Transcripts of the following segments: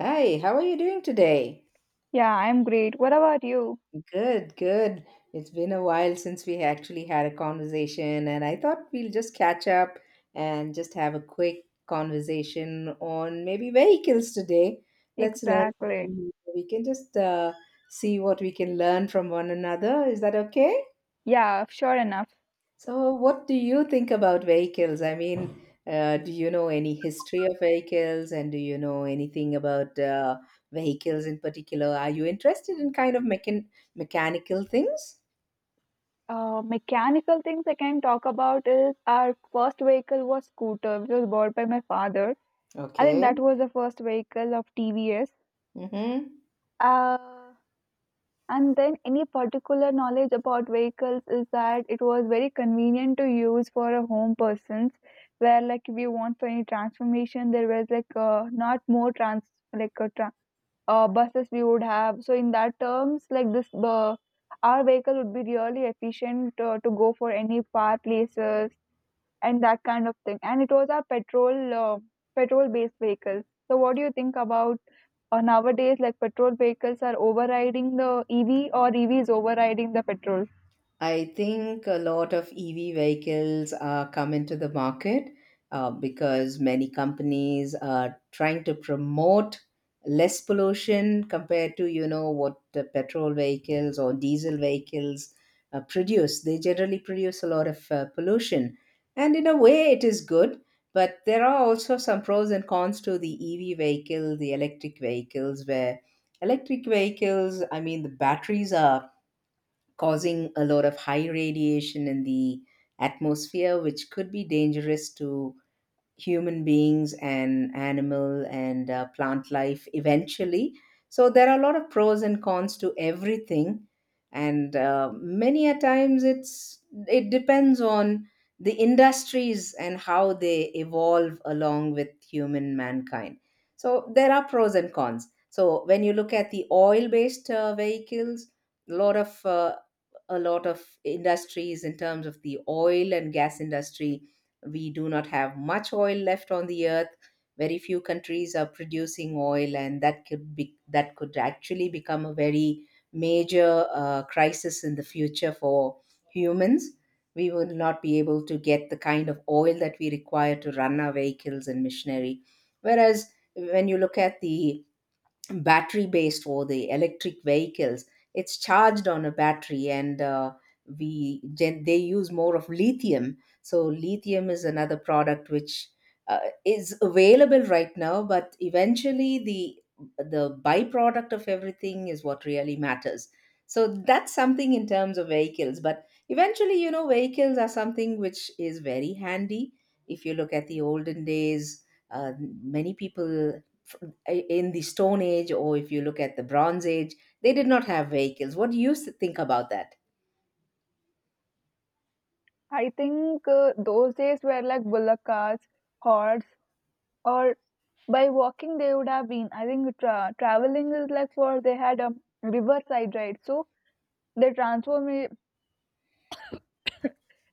Hi, how are you doing today? Yeah, I'm great. What about you? Good, good. It's been a while since we actually had a conversation, and I thought we'll just catch up and just have a quick conversation on maybe vehicles today. Let's learn. Exactly. We can just see what we can learn from one another. Is that okay? Yeah, sure enough. So, what do you think about vehicles? I mean, do you know any history of vehicles and do you know anything about vehicles in particular? Are you interested in kind of mechanical things? Mechanical things I can talk about is our first vehicle was scooter, which was bought by my father. I think that Okay. was the first vehicle of TVS. Mm-hmm. Uh, and then any particular knowledge about vehicles is that it was very convenient to use for a home persons, where like if you want for any transformation, there was like not more trans like a tra- buses we would have. So in that terms, like this, our vehicle would be really efficient to go for any far places and that kind of thing. And it was our petrol based vehicles. So what do you think about nowadays? Like petrol vehicles are overriding the EV or EV is overriding the petrol? I think a lot of EV vehicles are coming to the market because many companies are trying to promote less pollution compared to what the petrol vehicles or diesel vehicles produce. They generally produce a lot of pollution, and in a way, it is good. But there are also some pros and cons to the EV vehicle, the electric vehicles, where electric vehicles, I mean, the batteries are causing a lot of high radiation in the atmosphere, which could be dangerous to human beings and animal and plant life eventually. So there are a lot of pros and cons to everything, and many a times it depends on the industries and how they evolve along with human mankind. So there are pros and cons. So when you look at the oil-based vehicles, a lot of uh, a lot of industries in terms of the oil and gas industry, we do not have much oil left on the earth. Very few countries are producing oil, and that could actually become a very major crisis in the future for humans. We will not be able to get the kind of oil that we require to run our vehicles and machinery. Whereas when you look at the battery based or the electric vehicles, it's charged on a battery, and they use more of lithium, so lithium is another product which uh, is available right now, but eventually the byproduct of everything is what really matters. So that's something in terms of vehicles, but eventually, you know, vehicles are something which is very handy. If you look at the olden days, uh, many people, in the Stone Age, or if you look at the Bronze Age, they did not have vehicles. What do you think about that? I think those days were like bullock cars, horse, or by walking they would have been. I think traveling is like for they had a riverside, right? So their transform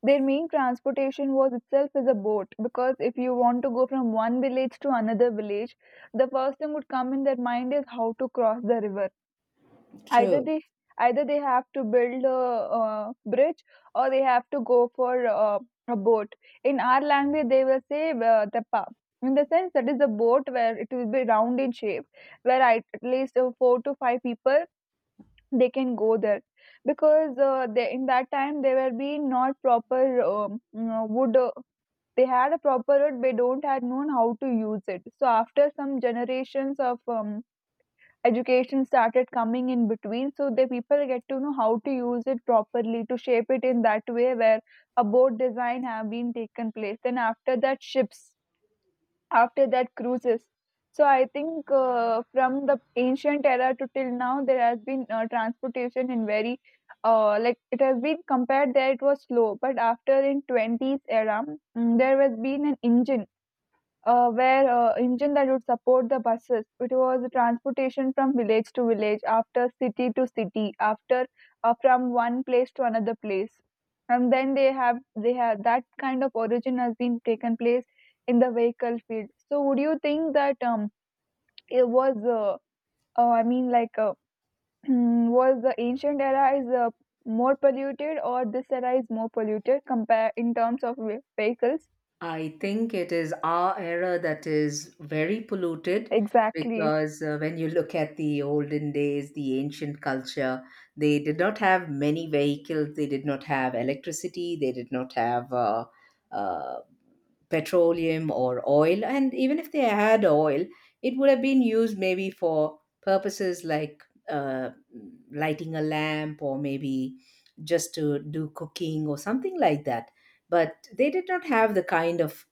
their main transportation was itself is a boat, because if you want to go from one village to another village, the first thing would come in their mind is how to cross the river. Either True. they either they have to build a bridge, or they have to go for a boat. In our language, they will say, the pa, in the sense that is a boat where it will be round in shape, where I, at least 4 to 5 people, they can go there, because in that time there were be not proper wood. They had a proper wood, they don't had known how to use it. So after some generations of education started coming in between, so the people get to know how to use it properly to shape it in that way where a boat design have been taken place. Then after that ships, after that cruises. So I think from the ancient era to till now there has been transportation in very like it has been compared there it was slow, but after in 20s era there has been an engine, where engine that would support the buses. It was transportation from village to village, after city to city, after from one place to another place. And then they have that kind of origin has been taken place in the vehicle field. So would you think that it was uh, I mean like uh, was the ancient era is more polluted or this era is more polluted compare in terms of vehicles? I think it is our era that is very polluted Exactly. because when you look at the olden days, the ancient culture, they did not have many vehicles, they did not have electricity, they did not have uh, petroleum or oil. And even if they had oil, it would have been used maybe for purposes like uh, lighting a lamp or maybe just to do cooking or something like that. But they did not have the kind of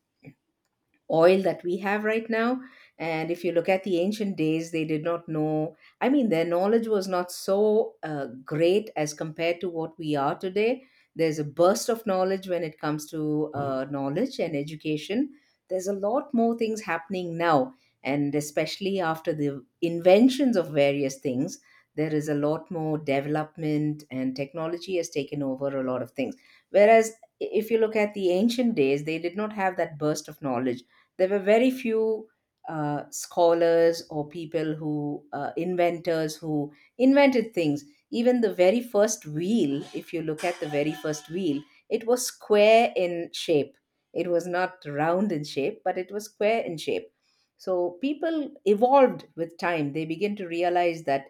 oil that we have right now. And if you look at the ancient days, they did not know, I mean, their knowledge was not so great as compared to what we are today. There's a burst of knowledge when it comes to knowledge and education. There's a lot more things happening now. And especially after the inventions of various things, there is a lot more development and technology has taken over a lot of things. Whereas if you look at the ancient days, they did not have that burst of knowledge. There were very few scholars or people who inventors who invented things. Even the very first wheel, if you look at the very first wheel, it was square in shape, it was not round in shape, but it was square in shape. So people evolved with time, they begin to realize that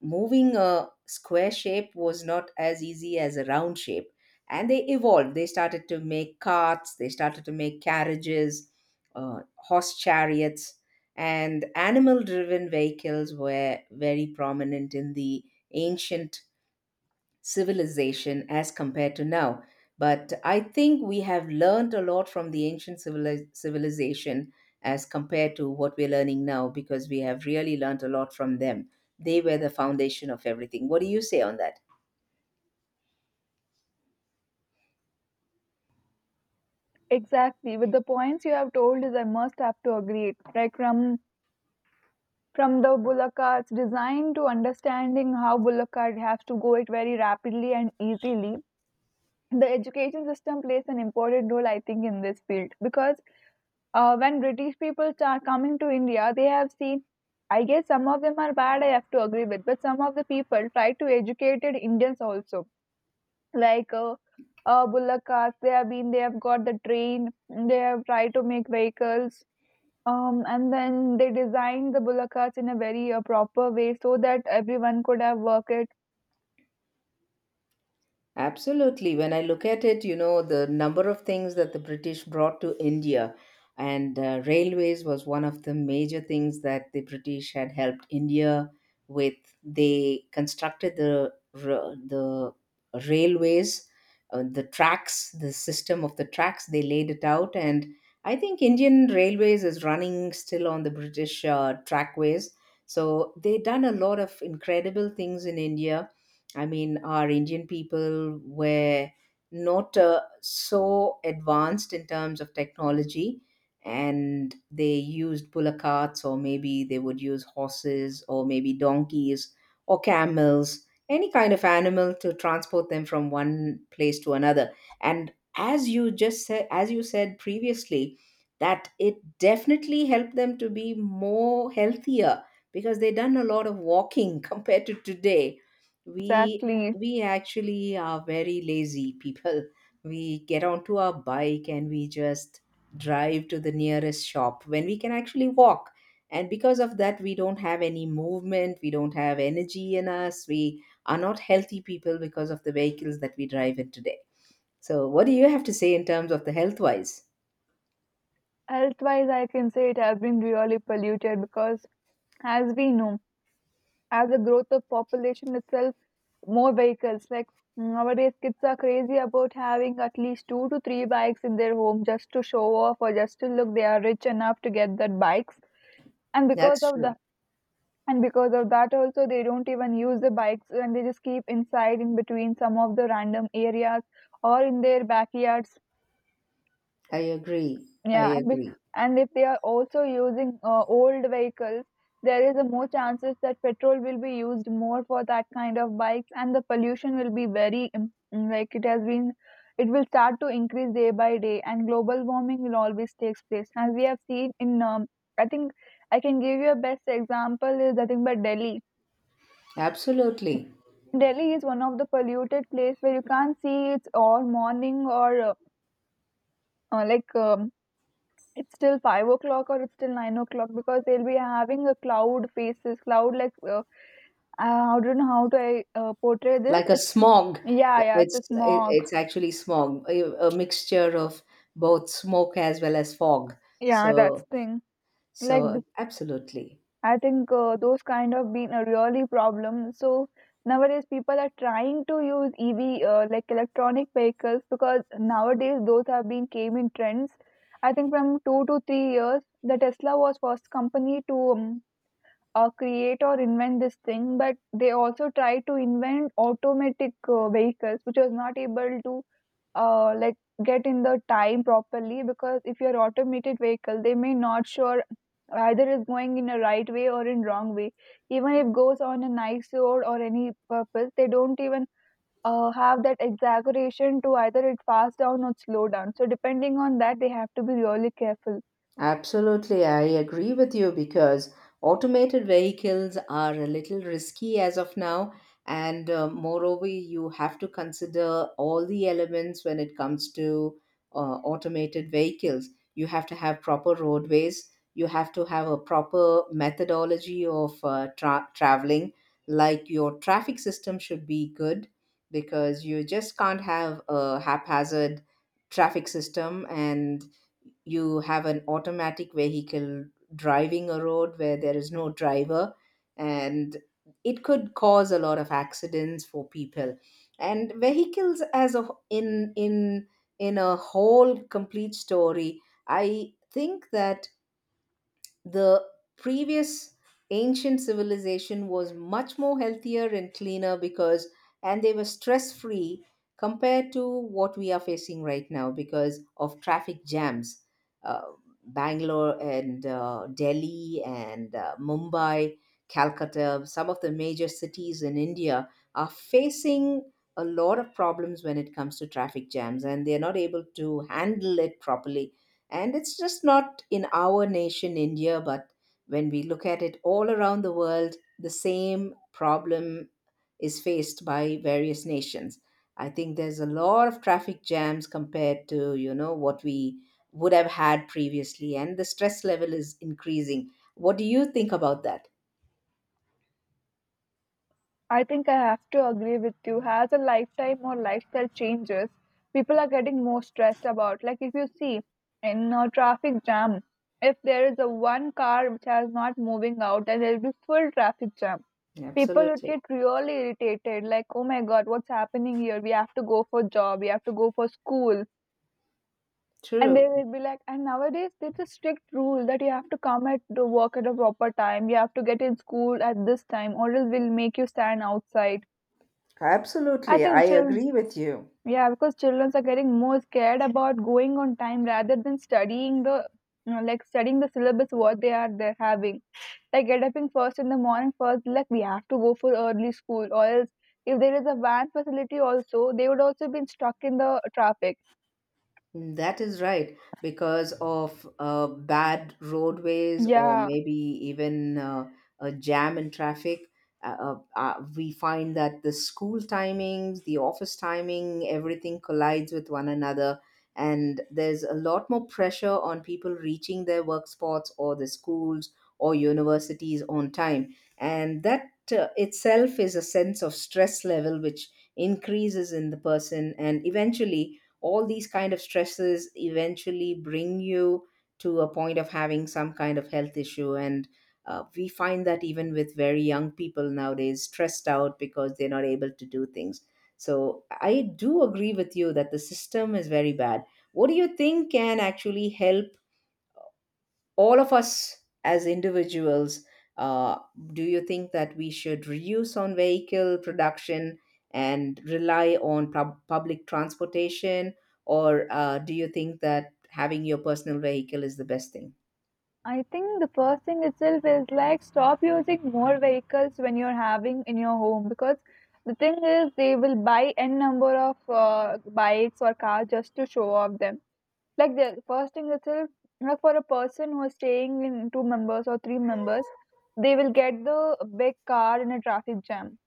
moving a square shape was not as easy as a round shape, and they evolved, they started to make carts, they started to make carriages, horse chariots, and animal driven vehicles were very prominent in the ancient civilization as compared to now. But I think we have learned a lot from the ancient civilization as compared to what we're learning now, because we have really learned a lot from them. They were the foundation of everything. What do you say on that? Exactly. With the points you have told is I must have to agree. Like from the bullock cart's design to understanding how bullock cart has to go it very rapidly and easily. The education system plays an important role, I think, in this field because when British people start coming to India, they have seen. I guess some of them are bad. I have to agree with, but some of the people try to educated Indians also like bullock carts they have got the train, they have tried to make vehicles, and then they designed the bullock carts in a very proper way so that everyone could have worked it. Absolutely. When I look at it, you know, the number of things that the British brought to India, and railways was one of the major things that the British had helped India with. They constructed the railways, the tracks, the system of the tracks. They laid it out, and I think Indian Railways is running still on the British trackways. So they done a lot of incredible things in India. I mean, our Indian people were not so advanced in terms of technology, and they used bullock carts, or maybe they would use horses, or maybe donkeys, or camels, any kind of animal to transport them from one place to another. And as you just said, as you said previously, that it definitely helped them to be more healthier because they done a lot of walking compared to today, we Exactly. we actually are very lazy people we get onto our bike and we just drive to the nearest shop when we can actually walk, and because of that we don't have any movement, we don't have energy in us, we are not healthy people because of the vehicles that we drive in today. So what do you have to say in terms of the health wise? Health wise, I can say it has been really polluted, because as we know, as the growth of population itself, more vehicles, like nowadays kids are crazy about having at least 2 to 3 bikes in their home just to show off or just to look they are rich enough to get that bikes. and because That's of true. the and because of that also they don't even use the bikes, and they just keep inside in between some of the random areas or in their backyards. I agree. I Yeah, agree. and if they are also using old vehicles, there is a more chances that petrol will be used more for that kind of bikes, and the pollution will be very like it has been, it will start to increase day by day, and global warming will always takes place as we have seen in I think I can give you a best example is nothing but Delhi. Absolutely. Delhi is one of the polluted place where you can't see it's all morning or uh, like um, it's still 5 o'clock or it's still 9 o'clock, because they'll be having a cloud faces, cloud like I don't know how to portray this. Like a It's smog. yeah, yeah, it's It's a it, smog. it's actually smog, a mixture of both smoke as well as fog. Yeah, that's So thing. Like so absolutely. I think those kind of been a really problem. So nowadays people are trying to use EV, like electronic vehicles, because nowadays those have been came in trends. I think from 2 to 3 years, the Tesla was first company to create or invent this thing, but they also tried to invent automatic vehicles, which was not able to uh, like get in the time properly, because if you're automated vehicle, they may not sure either is going in a right way or in wrong way. Even if goes on a nice road or any purpose, they don't even have that exaggeration to either it fast down or slow down. So depending on that, they have to be really careful. Absolutely, I agree with you because automated vehicles are a little risky as of now, and moreover, you have to consider all the elements when it comes to uh, automated vehicles. You have to have proper roadways, you have to have a proper methodology of traveling, like your traffic system should be good because you just can't have a haphazard traffic system and you have an automatic vehicle driving a road where there is no driver, and it could cause a lot of accidents for people and vehicles as a in a whole complete story. I think that the previous ancient civilization was much more healthier and cleaner because, and they were stress free compared to what we are facing right now because of traffic jams. uh, Bangalore and Delhi and Mumbai, Calcutta, some of the major cities in India are facing a lot of problems when it comes to traffic jams and they are not able to handle it properly. And it's just not in our nation, India, but when we look at it all around the world, the same problem is faced by various nations. I think there's a lot of traffic jams compared to, you know, what we would have had previously, and the stress level is increasing. What do you think about that? I think I have to agree with you. As a lifetime or lifestyle changes, people are getting more stressed about. Like if you see in a traffic jam, if there is a one car which is not moving out, then there will be full traffic jam. People would Absolutely. get really irritated. Like, oh my god, what's happening here? We have to go for job. We have to go for school. And they True. will be like, and nowadays there's a strict rule that you have to come at the work at a proper time. You have to get in school at this time, or else we'll make you stand outside. I Absolutely. I think children, agree with you. yeah, because children are getting more scared about going on time rather than studying the, you know, like studying the syllabus what they are they're having. Like get up in first in the morning first, like we have to go for early school, or else if there is a van facility also, they would also be stuck in the traffic. That is right, because of bad roadways or Yeah, maybe even a jam in traffic. We find that the school timings, the office timing, everything collides with one another, and there's a lot more pressure on people reaching their work spots or the schools or universities on time. And that itself is a sense of stress level which increases in the person, and eventually all these kind of stresses eventually bring you to a point of having some kind of health issue. And we find that even with very young people nowadays stressed out because they're not able to do things. So I do agree with you that the system is very bad. What do you think can actually help all of us as individuals? uh, do you think that we should reduce on vehicle production and rely on public transportation? Or do you think that having your personal vehicle is the best thing? I think the first thing itself is like stop using more vehicles when you're having in your home, because the thing is they will buy n number of bikes or cars just to show off them. Like the first thing itself, like for a person who is staying in 2 members or 3 members, they will get the big car in a traffic jam.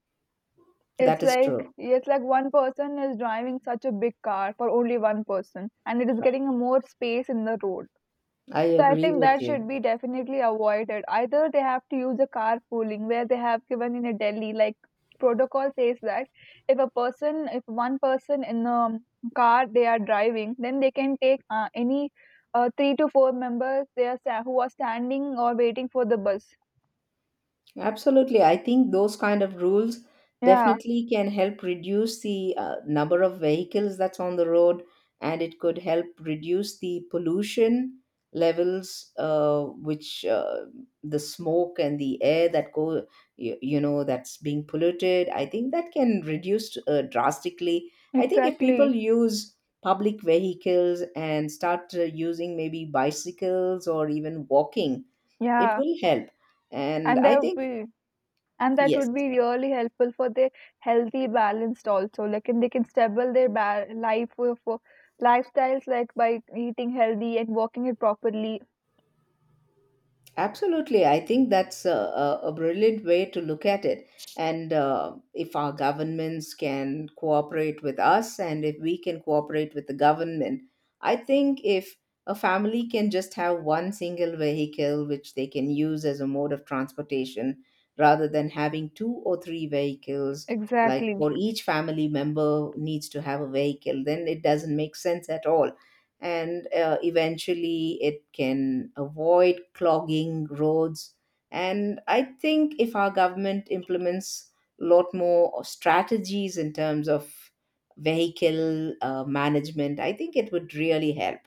It's That is like true. One person is driving such a big car for only one person, and it is getting a more space in the road. I So I agree think with that you. should be definitely avoided. Either they have to use a carpooling, where they have given in a Delhi, like protocol says that if a person, if one person in a car they are driving, then they can take any 3 to 4 members they are who are standing or waiting for the bus. Absolutely. I think those kind of rules Yeah, definitely can help reduce the number of vehicles that's on the road, and it could help reduce the pollution levels, which the smoke and the air that go, you know, that's being polluted. I think that can reduce drastically. I think if exactly. people use public vehicles and start using maybe bicycles or even walking, it Yeah, will help. And and I there will think be, and that yes, would be really helpful for their healthy balanced also, like, and they can stable their life for lifestyles, like by eating healthy and walking it properly. absolutely. I think that's a brilliant way to look at it. And if our governments can cooperate with us and if we can cooperate with the government, I think if a family can just have one single vehicle which they can use as a mode of transportation rather than having two or three vehicles, like for Exactly. each family member needs to have a vehicle, then it doesn't make sense at all and eventually it can avoid clogging roads and I think if our government implements a lot more strategies in terms of vehicle management, I think it would really help.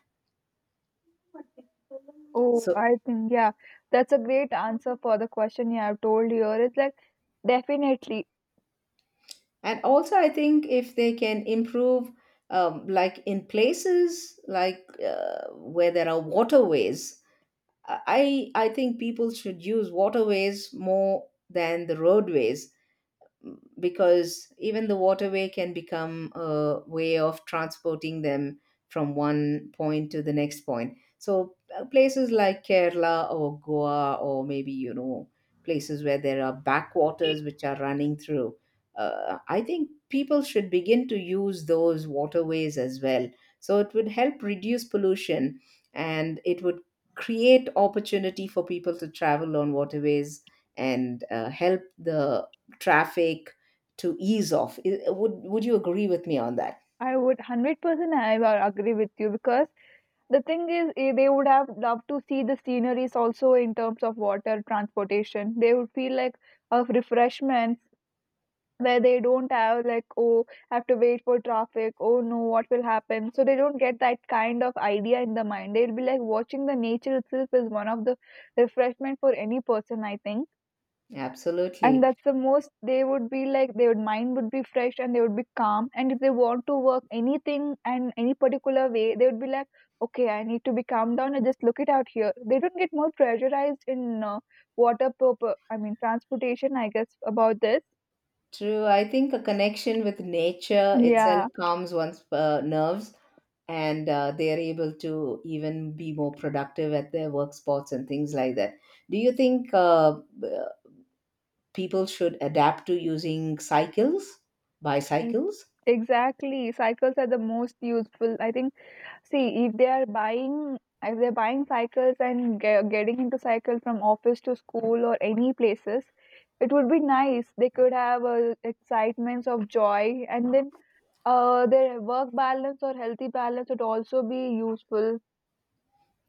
Oh, So I think, yeah, that's a great answer for the question you have told here. It's like, definitely, and also I think if they can improve, like in places like where there are waterways, I think people should use waterways more than the roadways, because even the waterway can become a way of transporting them from one point to the next point. So places like Kerala or Goa or maybe you know places where there are backwaters which are running through. I think people should begin to use those waterways as well. So it would help reduce pollution, and it would create opportunity for people to travel on waterways, and help the traffic to ease off. Would you agree with me on that? I would 100% I will agree with you, because the thing is, they would have loved to see the sceneries also in terms of water transportation. They would feel like a refreshment, where they don't have like, oh, I have to wait for traffic, oh no, what will happen, so they don't get that kind of idea in the mind. They'll be like watching the nature itself is one of the refreshment for any person, I think. And Absolutely. that's the most they would be like their mind would be fresh, and they would be calm, and if they want to work anything and any particular way, they would be like, okay, I need to be calmed down and just look it out here, they don't get more pressurized in water purpose, I mean transportation, I guess about this. True. I think a connection with nature itself Yeah. calms one's nerves, and they are able to even be more productive at their work spots and things like that. Do you think people should adapt to using cycles, E- bicycles? Exactly. Cycles are the most useful. I think, see, if they are buying, if they're buying cycles and getting into cycle from office to school or any places, it would be nice. They could have excitements of joy, and then their work balance or healthy balance would also be useful.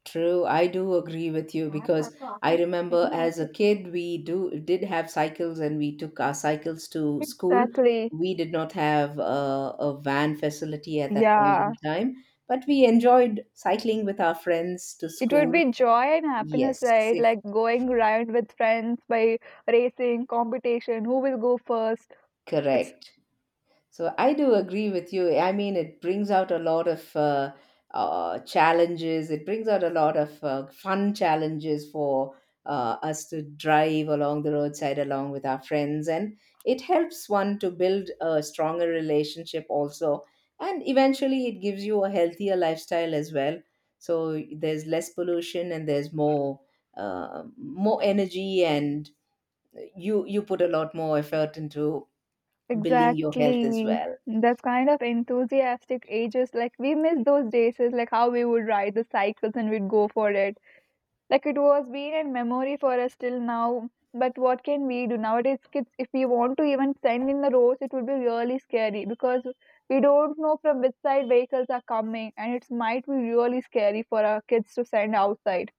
True, I do agree with you because I remember as a kid we do did have cycles and we took our cycles to school. Exactly. We did not have a van facility at that point Yeah. in time, but we enjoyed cycling with our friends to It would school. be joy and happiness, Yes, right? it- Like going around with friends by racing, competition, who will go first. It's Correct. So I do agree with you. I mean, it brings out a lot of challenges. It brings out a lot of fun challenges for us to drive along the roadside along with our friends, and it helps one to build a stronger relationship also. And eventually, it gives you a healthier lifestyle as well. So there's less pollution and there's more energy, and you put a lot more effort into building your health as exactly well. that's kind of enthusiastic ages. Like we miss those days, is like how we would ride the cycles and we'd go for it. Like it was been in memory for us till now. But what can we do nowadays? Kids, if we want to even send in the roads, it would be really scary, because we don't know from which side vehicles are coming, and it might be really scary for our kids to send outside.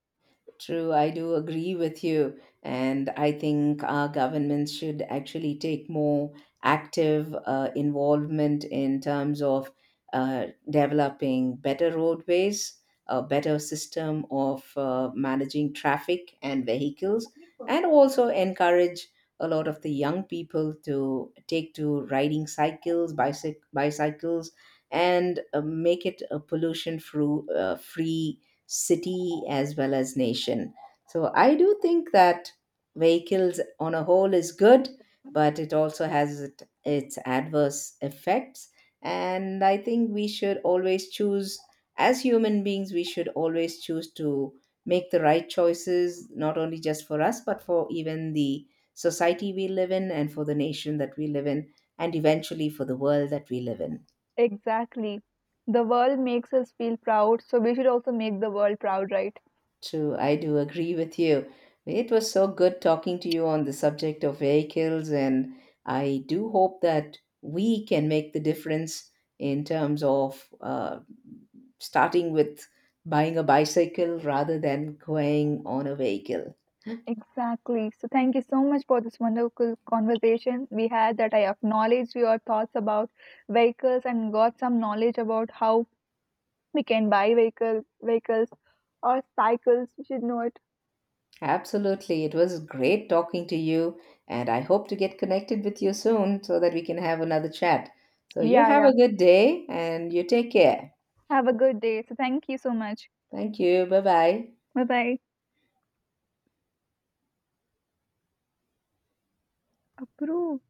True, I do agree with you. And I think our governments should actually take more active involvement in terms of developing better roadways, a better system of managing traffic and vehicles, and also encourage a lot of the young people to take to riding cycles, bicycles, and make it a pollution-free free city as well as nation. So I do think that vehicles on a whole is good, but it also has its adverse effects. And I think we should always choose, as human beings, we should always choose to make the right choices, not only just for us, but for even the society we live in and for the nation that we live in, and eventually for the world that we live in. Exactly. The world makes us feel proud, so we should also make the world proud, right? True, I do agree with you. It was so good talking to you on the subject of vehicles, and I do hope that we can make the difference in terms of starting with buying a bicycle rather than going on a vehicle. Exactly. So, thank you so much for this wonderful conversation we had. That I acknowledged your thoughts about vehicles and got some knowledge about how we can buy vehicle, vehicles or cycles. We should know it. Absolutely. It was great talking to you, and I hope to get connected with you soon so that we can have another chat. So, you Yeah, have yeah. a good day and you take care. Have a good day. So thank you so much. Thank you. Bye bye. Bye bye. Approve.